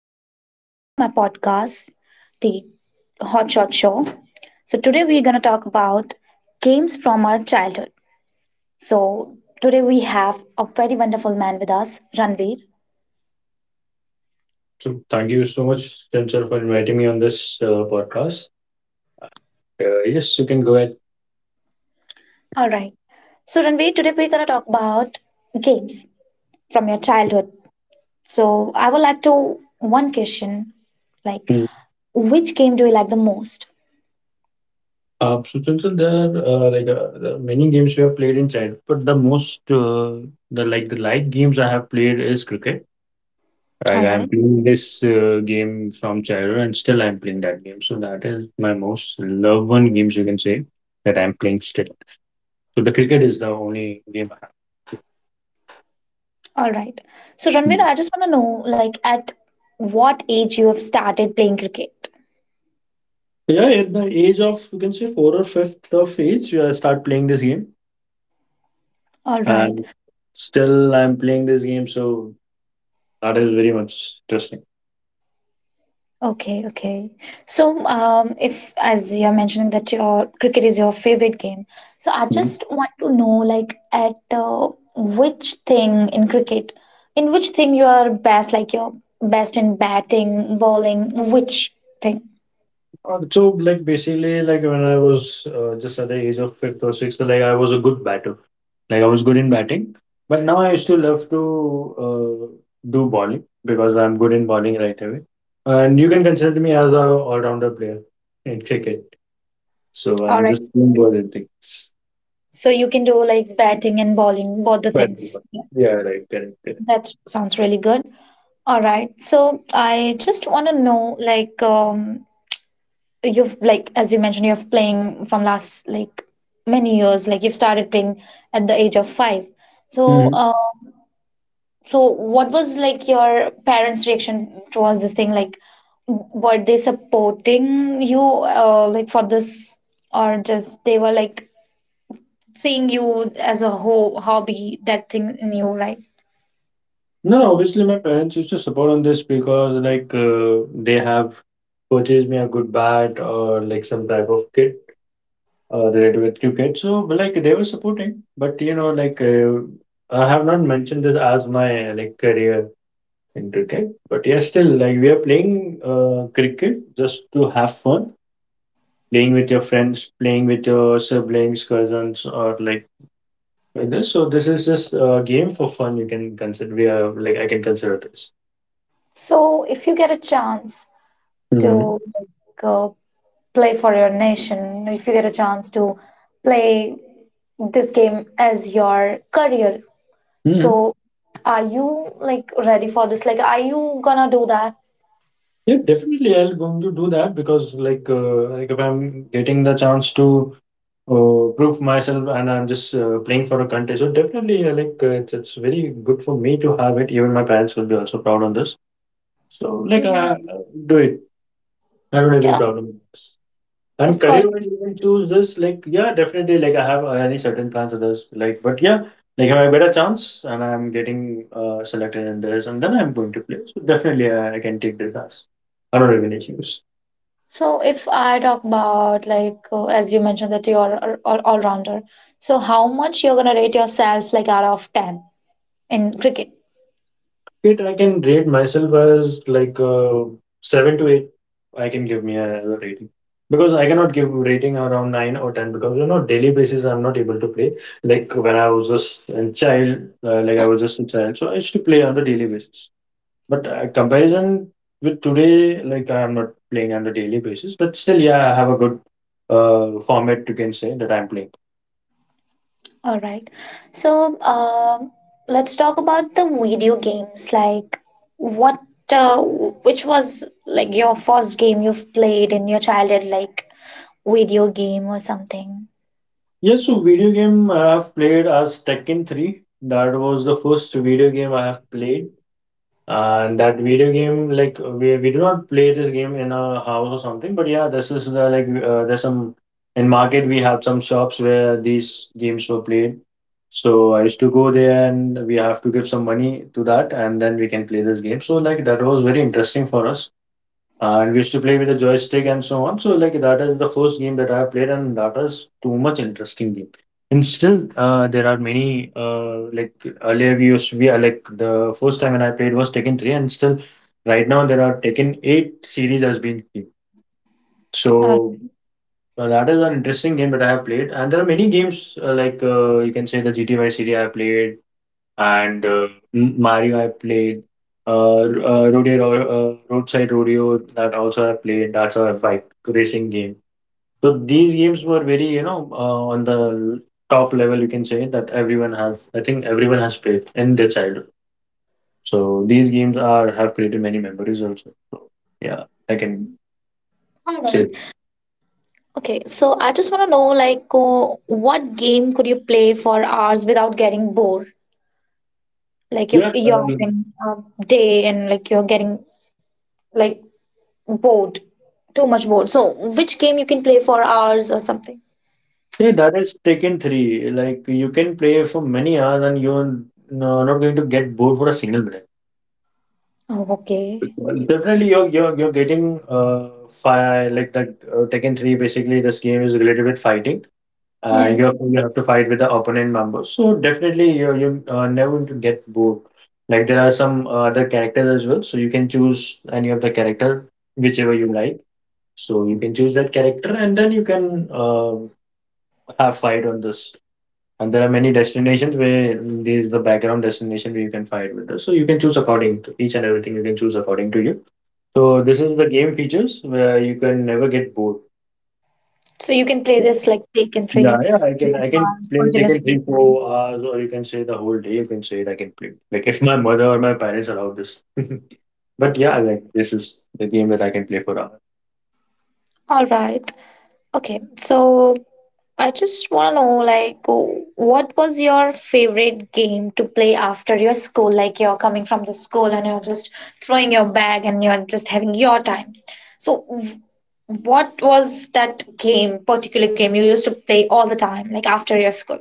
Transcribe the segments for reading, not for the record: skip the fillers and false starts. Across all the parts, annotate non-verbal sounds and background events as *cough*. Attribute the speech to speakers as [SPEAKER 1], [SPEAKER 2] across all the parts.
[SPEAKER 1] Welcome to my podcast, The Hot Shot Show. Today we're going to talk about games from our childhood. So, Today we have a very wonderful man with us, Ranveer.
[SPEAKER 2] So thank you so much, Chancellor, for inviting me on this podcast. Yes, you can go ahead.
[SPEAKER 1] All right. So, Ranveer, today we're going to talk about games from your childhood. So, I would like to one question like,
[SPEAKER 2] Hmm.
[SPEAKER 1] which game do you like the most?
[SPEAKER 2] So, Chancellor, there are many games you have played in childhood, but the most the like the light games I have played is cricket. Like
[SPEAKER 1] All
[SPEAKER 2] I am
[SPEAKER 1] right.
[SPEAKER 2] playing this game from childhood, and still I am playing that game. So that is my most loved one games you can say that I am playing still. So the cricket is the only game I have.
[SPEAKER 1] All right. So, Ranveer,
[SPEAKER 2] Mm.
[SPEAKER 1] I just want to know, like, at what age you have started playing cricket?
[SPEAKER 2] Yeah, at the age of you can say four or fifth of age, I start playing this game.
[SPEAKER 1] All right.
[SPEAKER 2] And still, I'm playing this game, so that is very much interesting.
[SPEAKER 1] Okay. Okay. So, if as you're mentioning that your cricket is your favorite game, so I
[SPEAKER 2] Mhm.
[SPEAKER 1] just want to know, like, at which thing in cricket, in which thing you are best, like you're best in batting, bowling, which thing?
[SPEAKER 2] When I was just at the age of fifth or sixth, like, I was a good batter. Like, I was good in batting. But now I still love to uh, do bowling because I'm good in bowling right away. And you can consider me as a all-rounder player in cricket. So
[SPEAKER 1] All
[SPEAKER 2] I'm
[SPEAKER 1] right.
[SPEAKER 2] just doing both the things.
[SPEAKER 1] So you can do like batting and bowling, both the
[SPEAKER 2] But
[SPEAKER 1] things. Yeah,
[SPEAKER 2] yeah, right, correct,
[SPEAKER 1] that sounds really good. All right. So I just want to know, like, you've like as you mentioned, you're playing from last like many years. Like you've started playing at the age of five. So,
[SPEAKER 2] correct.
[SPEAKER 1] so what was like your parents' reaction towards this thing? Like, were they supporting you, like for this, or just they were like seeing you as a ho hobby, that thing in you, right?
[SPEAKER 2] No, no, obviously my parents used to support on this because like they have purchased me a good bat or like some type of kit related with cricket. So but, like they were supporting, but you know like I have not mentioned this as my like career in cricket. But yes, still like we are playing cricket just to have fun, playing with your friends, playing with your siblings, cousins, or like this. So this is just a game for fun. You can consider we are like I can consider this.
[SPEAKER 1] So, if you get a chance
[SPEAKER 2] Hmm.
[SPEAKER 1] to like, play for your nation, if you get a chance to play this game as your career,
[SPEAKER 2] Hmm.
[SPEAKER 1] so are you like ready for this, like are you gonna do that?
[SPEAKER 2] Yeah, definitely. I'll going to do that because, if I'm getting the chance to prove myself and I'm just playing for a country, so definitely, it's very good for me to have it. Even my parents will be also proud on this. So,
[SPEAKER 1] Yeah,
[SPEAKER 2] do it. I don't have any
[SPEAKER 1] yeah,
[SPEAKER 2] problem with this. And
[SPEAKER 1] of course.
[SPEAKER 2] career-wise, you can choose this. Like, yeah, definitely. Like, I have any certain plans of this. Like, but yeah, like, if I get a chance and I'm getting selected in this, and then I'm going to play. So definitely, I can take this as. I don't have any issues.
[SPEAKER 1] So if I talk about like as you mentioned that you're all-rounder, so how much you're gonna rate yourself like out of 10 in cricket?
[SPEAKER 2] It I can rate myself as like seven to eight. I can give me a rating because I cannot give rating around nine or ten because you know daily basis I'm not able to play. Like when I was just a child, I was just a child, so I used to play on the daily basis. But comparison with today, like I'm not playing on the daily basis, but still, yeah, I have a good format you can say that I'm playing.
[SPEAKER 1] All right. So let's talk about the video games. Like, what, which was like your first game you've played in your childhood, like video game or something?
[SPEAKER 2] Yes, so video game I have played as Tekken 3. That was the first video game I have played. And that video game, like we do not play this game in a house or something, but yeah, this is the like there's some in market we have some shops where these games were played. So I used to go there and we have to give some money to that and then we can play this game. So like that was very interesting for us. And we used to play with a joystick and so on. So like that is the first game that I have played, and that is too much interesting game. And still, there are many like earlier we used we are like the first time when I played was Tekken three, and still right now there are Tekken eight series has been kept.
[SPEAKER 1] All
[SPEAKER 2] So that is an interesting game that I have played, and there are many games you can say the GTA series I have played, and Mario I played. Rodeo, roadside rodeo that also I played. That's a bike racing game. So these games were very, you know, on the top level. You can say that everyone has. I think everyone has played in their childhood. So these games are have created many memories also. So, yeah, I can
[SPEAKER 1] all
[SPEAKER 2] say
[SPEAKER 1] right. Okay. So I just want to know, like, what game could you play for hours without getting bored? Like, if
[SPEAKER 2] yeah.
[SPEAKER 1] you're having a day and like you're getting like bored, too much bored. So, which game you can play for hours or something?
[SPEAKER 2] Yeah, that is Taken 3. Like, you can play for many hours and you're n- no, not going to get bored for a single minute.
[SPEAKER 1] Oh, okay.
[SPEAKER 2] Definitely, you're getting fire like that. Tekken Three basically, this game is related with fighting.
[SPEAKER 1] Yes.
[SPEAKER 2] You have to fight with the opponent members. So definitely, you never going to get bored. Like there are some other characters as well, so you can choose any of the character whichever you like. So you can choose that character, and then you can have fight on this. And there are many destinations where these the background destination where you can fight with this. So you can choose according to each and everything. You can choose according to you. So this is the game features where you can never get bored.
[SPEAKER 1] So you can play this like take and
[SPEAKER 2] Yeah,
[SPEAKER 1] tray
[SPEAKER 2] yeah, I
[SPEAKER 1] for
[SPEAKER 2] can
[SPEAKER 1] like
[SPEAKER 2] I can play taking
[SPEAKER 1] hours.
[SPEAKER 2] three, 4 hours, or you can say the whole day, you can say it, I can play. Like if my mother or my parents allow this. *laughs* But yeah, like this is the game that I can play for hours.
[SPEAKER 1] All right. Okay. So I just want to know like what was your favorite game to play after your school? Like you're coming from the school and you're just throwing your bag and you're just having your time. So what was that game, particular game you used to play all the time, like after your school?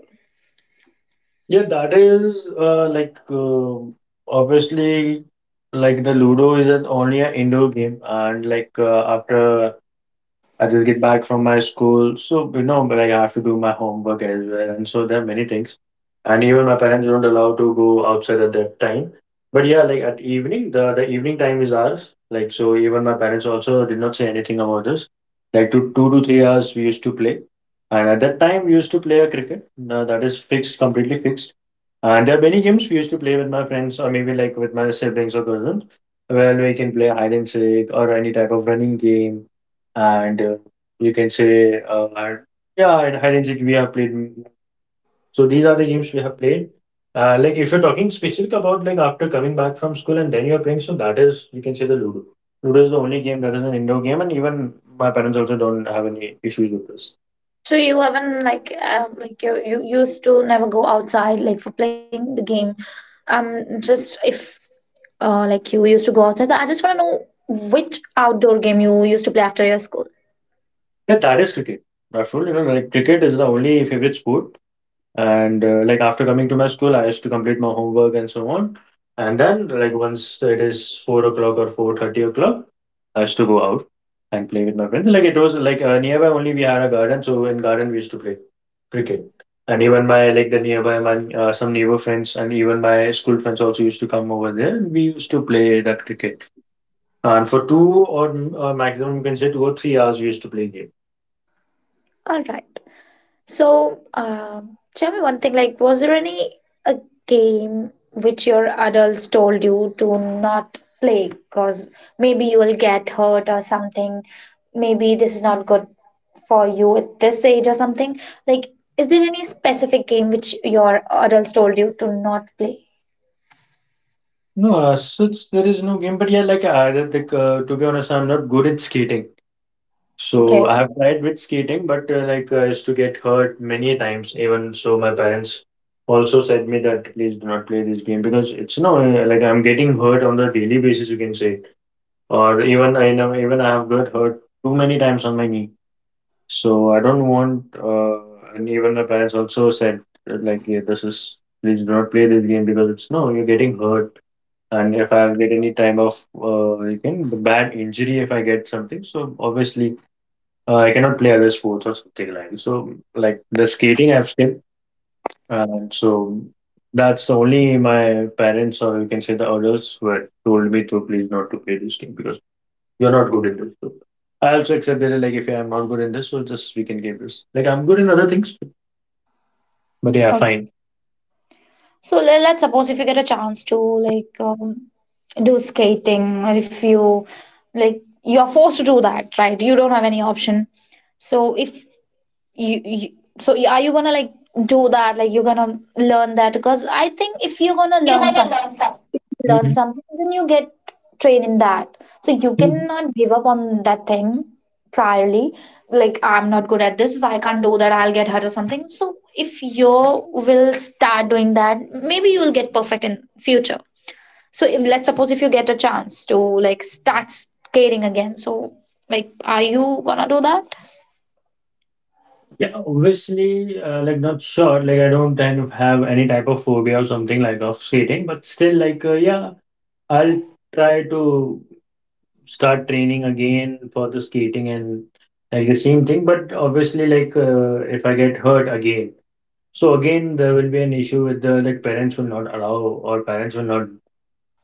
[SPEAKER 2] Yeah, that is obviously like the Ludo is an, only an indoor game, and like after I just get back from my school. So, you know, but like I have to do my homework as well. And so there are many things. And even my parents don't allow to go outside at that time. But yeah, like at evening, the evening time is ours. Like, so even my parents also did not say anything about this. Like 2 to 3 hours we used to play. And at that time we used to play a cricket. Now that is fixed, completely fixed. And there are many games we used to play with my friends or maybe like with my siblings or cousins, where we can play hide and seek or any type of running game and you can say yeah, and hide and seek we have played. So these are the games we have played. Like if you're talking specific about like after coming back from school and then you're playing, so that is you can say the ludo. Is the only game that is an indoor game, and even my parents also don't have any issues with this.
[SPEAKER 1] So you haven't like you used to never go outside like for playing the game. Just if like you used to go outside. I just want to know which outdoor game you used to play after your school.
[SPEAKER 2] Yeah, that is cricket. Absolutely, you know, like cricket is the only favorite sport. And like after coming to my school, I used to complete my homework and so on, and then like once it is 4 o'clock or 4:30 o'clock, I used to go out and play with my friends. Like it was like nearby only, we had a garden, so in garden we used to play cricket. And even my like the nearby my some neighbor friends and even my school friends also used to come over there. And we used to play that cricket. And for two or maximum you can say 2 or 3 hours we used to play game.
[SPEAKER 1] All right. So, tell me one thing, like, was there any a game which your adults told you to not play because maybe you will get hurt or something? Maybe this is not good for you at this age or something. Like, is there any specific game which your adults told you to not play?
[SPEAKER 2] No, such there is no game, but yeah, like I, like to be honest, I'm not good at skating. So
[SPEAKER 1] Okay,
[SPEAKER 2] I have tried with skating, but I used to get hurt many times. Even so, my parents also said me that please do not play this game because it's no like I'm getting hurt on the daily basis, you can say, or even I know even I have got hurt too many times on my knee. So I don't want. And even my parents also said like, yeah, this is please do not play this game because it's no you're getting hurt. And if I get any time of you can bad injury if I get something, so obviously I cannot play other sports or something like so. Like the skating, I've skipped, and so that's the only my parents or you can say the adults were told me to please not to play this game because you're not good in this. So I also accept that like if I'm not good in this, so just we can give this. Like I'm good in other things, but yeah,
[SPEAKER 1] okay.
[SPEAKER 2] fine.
[SPEAKER 1] So let's suppose if you get a chance to like do skating, or if you like you're forced to do that, right? You don't have any option. So if you so are you gonna like do that, like you're gonna learn that? Because I think if you're gonna learn something,
[SPEAKER 2] Mhm.
[SPEAKER 1] then you get trained in that, so you
[SPEAKER 2] Mhm.
[SPEAKER 1] cannot give up on that thing priorly, like I'm not good at this, so I can't do that, I'll get hurt or something. So if you will start doing that, maybe you will get perfect in future. So if, let's suppose if you get a chance to like start skating again. So like, are you gonna do that?
[SPEAKER 2] Yeah, obviously, like not sure. Like I don't kind of have any type of phobia or something like of skating, but still, yeah, I'll try to start training again for the skating and like the same thing, but obviously if I get hurt again. So again there will be an issue with the, like, parents will not allow, or parents will not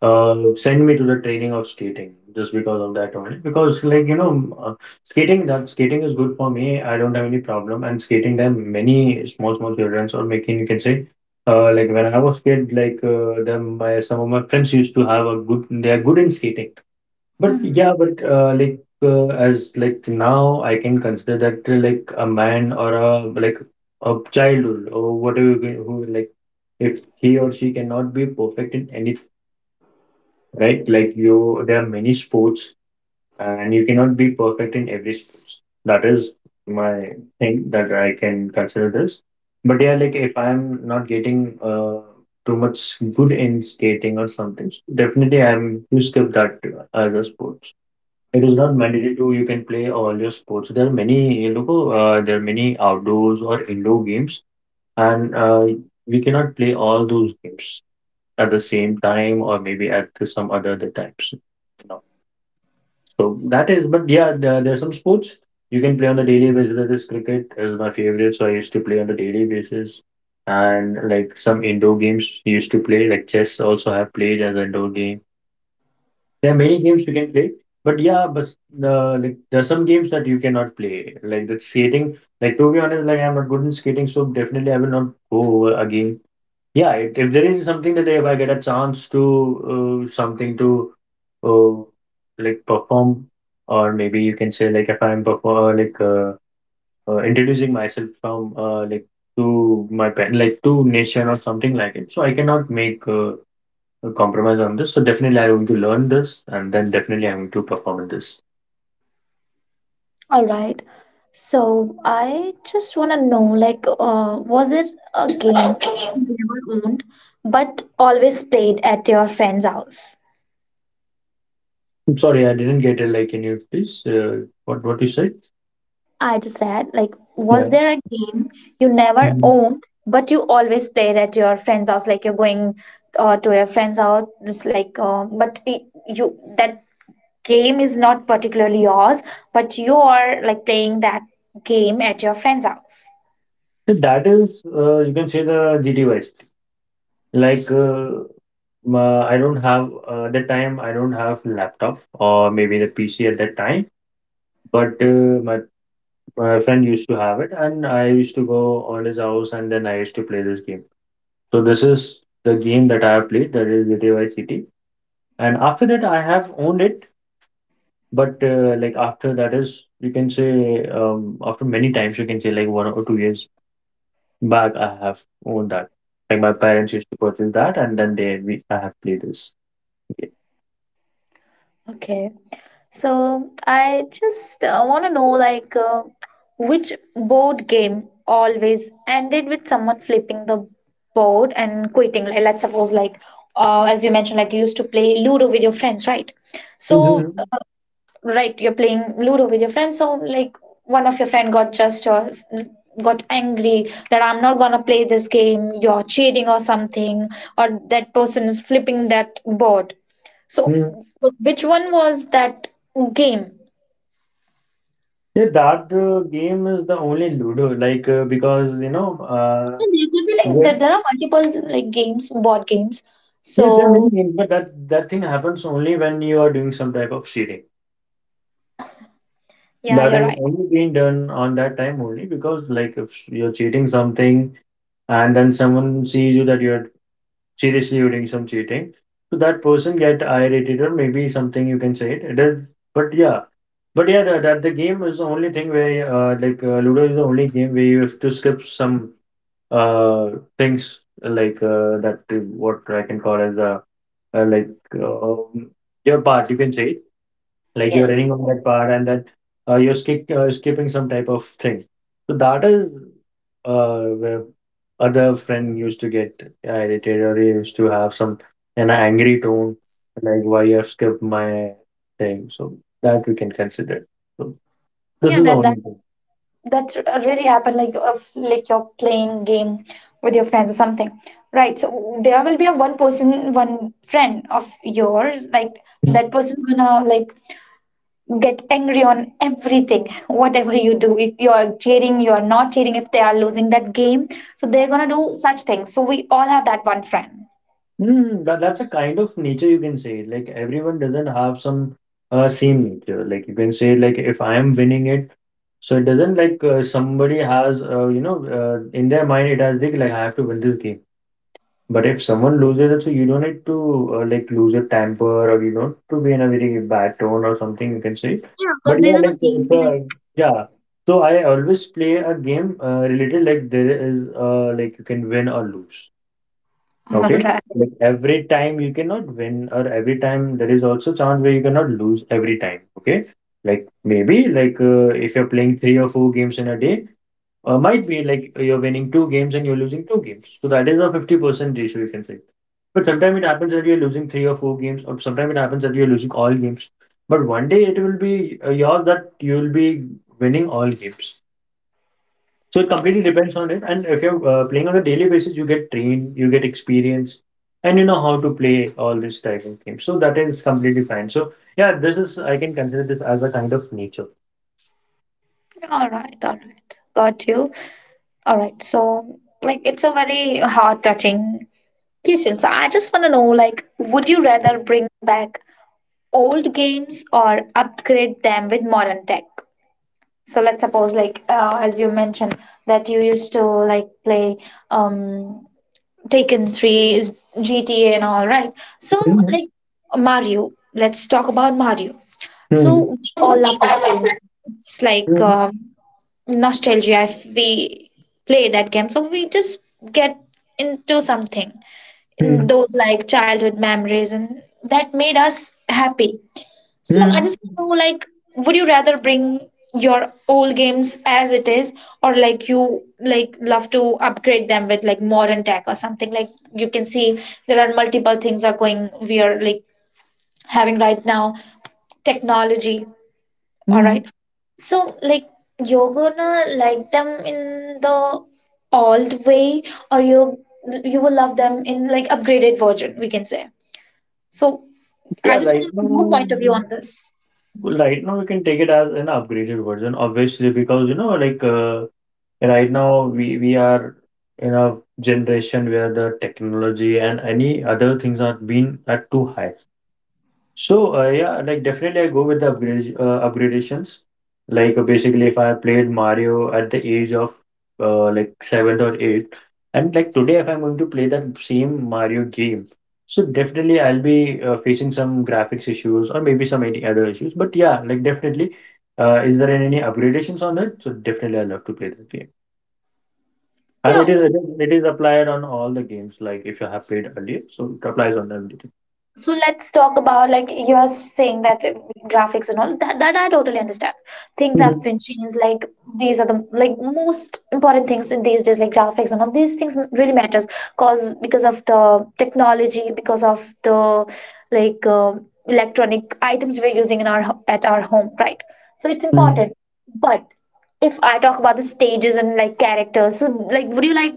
[SPEAKER 2] send me to the training of skating just because of that. Only because, skating, that skating is good for me, I don't have any problem. And skating, there are many small small children or making, you can say, like when I was kid, like them my some of my friends used to have a good, they are good in skating. But
[SPEAKER 1] Mhm.
[SPEAKER 2] yeah, but like as, like, now I can consider that, like, a man or a, like, a childhood or whatever you can- who, like, if he or she cannot be perfect in any, right? Like, you, there are many sports, and you cannot be perfect in every sports. That is my thing that I can consider this. But yeah, like if I'm not getting too much good in skating or something, definitely I'm to skip that as a sport. It is not mandatory to, you can play all your sports. There are many, you know, there are many outdoors or indoor games, and we cannot play all those games at the same time, or maybe at the- some other the times. No. So that is, but yeah, there are some sports you can play on the daily basis. That is, cricket is my favorite, so I used to play on the daily basis, and like some indoor games you used to play, like chess also have played as an indoor game. There are many games you can play, but yeah, but like there are some games that you cannot play, like the skating. Like, to be honest, like I'm not good in skating, so definitely I will not go over again. Yeah, it, if there is something that if I get a chance to something to uh, like perform, or maybe you can say like if I'm perform introducing myself from like to my pen, like to nation or something like it, so I cannot make. Compromise on this. So definitely I'm going to learn this, and then definitely I'm going to perform in this.
[SPEAKER 1] All right. So I just want to know, like, was it a game you never owned, but always played at your friend's house?
[SPEAKER 2] I'm sorry, I didn't get it. Like, can you please, what you said?
[SPEAKER 1] I just said, like, was
[SPEAKER 2] Yeah.
[SPEAKER 1] there a game you never
[SPEAKER 2] Mhm.
[SPEAKER 1] owned, but you always played at your friend's house? Like, you're going to your friend's house, just like, but you that game is not particularly yours, but you are like playing that game at your friend's house.
[SPEAKER 2] So that is, you can say, the GT Vice. Like, ma- I don't have, that time I don't have laptop, or maybe the PC at that time, but my friend used to have it, and I used to go on his house and then I used to play this game. So this is the game that I have played, that is GTA City. And after that, I have owned it. But, like, after that is, you can say, after many times, you can say, like, 1 or 2 years back, I have owned that. Like, my parents used to purchase that, and then they, we, I have played this game.
[SPEAKER 1] Okay. So I just want to know like which board game always ended with someone flipping the board and quitting. Like let's suppose like as you mentioned like you used to play Ludo with your friends, right? So
[SPEAKER 2] Mm-hmm.
[SPEAKER 1] right, you're playing Ludo with your friends, so like one of your friend got just or got angry that I'm not gonna play this game, you're cheating or something, or that person is flipping that board. So
[SPEAKER 2] Hmm.
[SPEAKER 1] which one was that game?
[SPEAKER 2] Yeah, that game is the only Ludo, because you know,
[SPEAKER 1] And there could be like
[SPEAKER 2] well,
[SPEAKER 1] that there are multiple like games, board games,
[SPEAKER 2] yeah, there are
[SPEAKER 1] so
[SPEAKER 2] many games, but that thing happens only when you are doing some type of cheating.
[SPEAKER 1] yeah,
[SPEAKER 2] That
[SPEAKER 1] you're
[SPEAKER 2] is
[SPEAKER 1] right.
[SPEAKER 2] only being done on that time only because, like, if you're cheating something and then someone sees you that you're seriously you're doing some cheating, so that person get irritated, or maybe something you can say, it is. But yeah, but yeah, that, that the game is the only thing where ludo is the only game where you have to skip some uh things, that what I can call as uh, like uh, um, your part, you can say, like you're
[SPEAKER 1] Yes,
[SPEAKER 2] running on that part, and then you're skip, skipping some type of thing. So that is where other friend used to get irritated, or he used to have some an angry tone, like why you have skipped my thing. So that we can consider. So this
[SPEAKER 1] yeah,
[SPEAKER 2] is the
[SPEAKER 1] that
[SPEAKER 2] only
[SPEAKER 1] that that really happened like like you're playing game with your friends or something, right? So there will be a one person, one friend of yours, like that
[SPEAKER 2] thing.
[SPEAKER 1] person gonna like get angry on everything *laughs* whatever you do, if you are cheering, you are not cheering, if they are losing that game, so they're gonna do such things. So we all have that one friend.
[SPEAKER 2] Mm, that, that's a kind of nature, you can say. Like, everyone doesn't have some same nature. Like, you can say, like if I am winning it, so it doesn't, like somebody has, in their mind it has like I have to win this game. But if someone loses it, so you don't need to like lose your temper, or you know, to be in a very bad tone or something, you can say.
[SPEAKER 1] Yeah, because
[SPEAKER 2] But yeah,
[SPEAKER 1] these are the
[SPEAKER 2] like
[SPEAKER 1] game,
[SPEAKER 2] it's a, yeah. So I always play a game related, like there is like you can win or lose.
[SPEAKER 1] like *laughs* all
[SPEAKER 2] Okay.
[SPEAKER 1] right,
[SPEAKER 2] Like every time you cannot win, or every time there is also chance where you cannot lose every time. Okay. Like maybe if you're playing three or four games in a day, or might be like you're winning two games and you're losing two games. So that is a 50% ratio, you can say. But sometimes it happens that you're losing three or four games, or sometimes it happens that you're losing all games. But one day it will be yours, that you will be winning all games. So it completely depends on it. And if you're playing on a daily basis, you get trained, you get experience, and you know how to play all this type of games. So that is completely fine. So yeah, this is I can consider this as a kind of nature.
[SPEAKER 1] all right, got you. All right. So like it's a very heart touching Kishan, so I just want to know like, would you rather bring back old games or upgrade them with modern tech? So let's suppose, like, as you mentioned, that you used to like play um Taken 3, is GTA, and all, right? So,
[SPEAKER 2] Mhm.
[SPEAKER 1] like, Mario, let's talk about Mario. So,
[SPEAKER 2] Mhm.
[SPEAKER 1] we all love that game. It's like
[SPEAKER 2] Mhm.
[SPEAKER 1] nostalgia if we play that game. So, we just get into something in
[SPEAKER 2] Mhm.
[SPEAKER 1] those like childhood memories, and that made us happy. So I
[SPEAKER 2] Mhm.
[SPEAKER 1] just want to know like would you rather bring your old games as it is, or like you like love to upgrade them with like modern tech or something, like you can see there are multiple things are going, we are like having right now technology. All
[SPEAKER 2] Mhm.
[SPEAKER 1] right. So like you're gonna like them in the old way, or you will love them in like upgraded version, we can say. So I
[SPEAKER 2] Yeah,
[SPEAKER 1] just
[SPEAKER 2] right
[SPEAKER 1] want your point of view
[SPEAKER 2] now,
[SPEAKER 1] on this.
[SPEAKER 2] right now we can take it as an upgraded version, obviously, because you know, right now we are in a generation where the technology and any other things are being at too high. So yeah, like definitely I go with the upgrade upgradations. Basically, if I played Mario at the age of like seven or eight, and like today, if I'm going to play that same Mario game, so definitely I'll be facing some graphics issues, or maybe some any other issues. But yeah, like definitely, is there any upgradations on it? So definitely, I love to play that game, and
[SPEAKER 1] Yeah,
[SPEAKER 2] it is applied on all the games. Like if you have played earlier, so it applies on everything.
[SPEAKER 1] so let's talk about like you are saying that graphics and all that, that I totally understand. Things
[SPEAKER 2] Mhm.
[SPEAKER 1] have been changed. Like these are the like most important things in these days, like graphics and all these things really matters, cause because of the technology, because of the like electronic items we're using in our at our home, right? So it's
[SPEAKER 2] Mhm.
[SPEAKER 1] important. But if I talk about the stages and like characters, so like would you like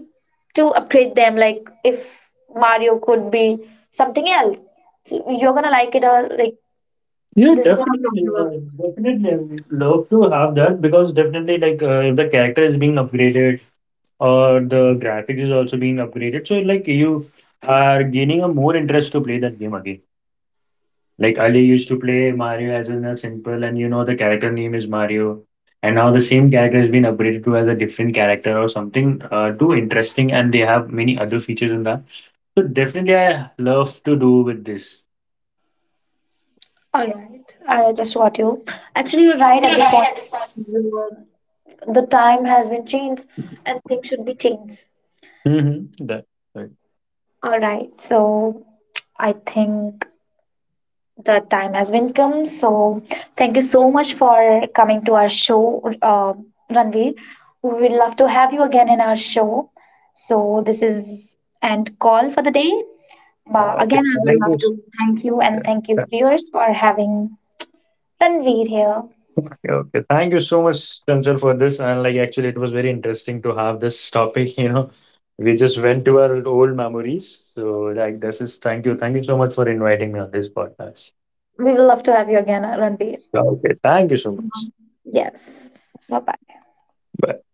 [SPEAKER 1] to upgrade them? Like if Mario could be something else, so you're gonna like it or like this is not
[SPEAKER 2] Definitely, I would love to have that because definitely, like, if the character is being upgraded, or the graphic is also being upgraded, so like you are gaining a more interest to play that game again. Like Ali used to play Mario as in a simple, and you know the character name is Mario, and now the same character has been upgraded to as a different character or something too interesting, and they have many other features in that. So definitely, I love to do with this.
[SPEAKER 1] all right. I just got you. Actually, you're right at
[SPEAKER 2] You're
[SPEAKER 1] this
[SPEAKER 2] right
[SPEAKER 1] point.
[SPEAKER 2] at this point.
[SPEAKER 1] The the time has been changed, and things should be changed.
[SPEAKER 2] Mm-hmm. That right.
[SPEAKER 1] All right, so I think the time has been come. So, thank you so much for coming to our show, Ranveer. We would love to have you again in our show. So, this is and call for the day. But
[SPEAKER 2] Okay,
[SPEAKER 1] again, I would
[SPEAKER 2] thank you.
[SPEAKER 1] love
[SPEAKER 2] S-
[SPEAKER 1] to thank you and
[SPEAKER 2] yeah,
[SPEAKER 1] thank you,
[SPEAKER 2] yeah.
[SPEAKER 1] viewers, for having Ranveer here.
[SPEAKER 2] Okay, okay. Thank you so much, Chancel, for this. And like, actually, it was very interesting to have this topic. *laughs* You know, we just went to our old memories. So, like, this is thank you so much for inviting me on this podcast.
[SPEAKER 1] We will love to have you again, Ranveer.
[SPEAKER 2] Okay, thank you so much.
[SPEAKER 1] Yes. Bye bye.
[SPEAKER 2] Bye.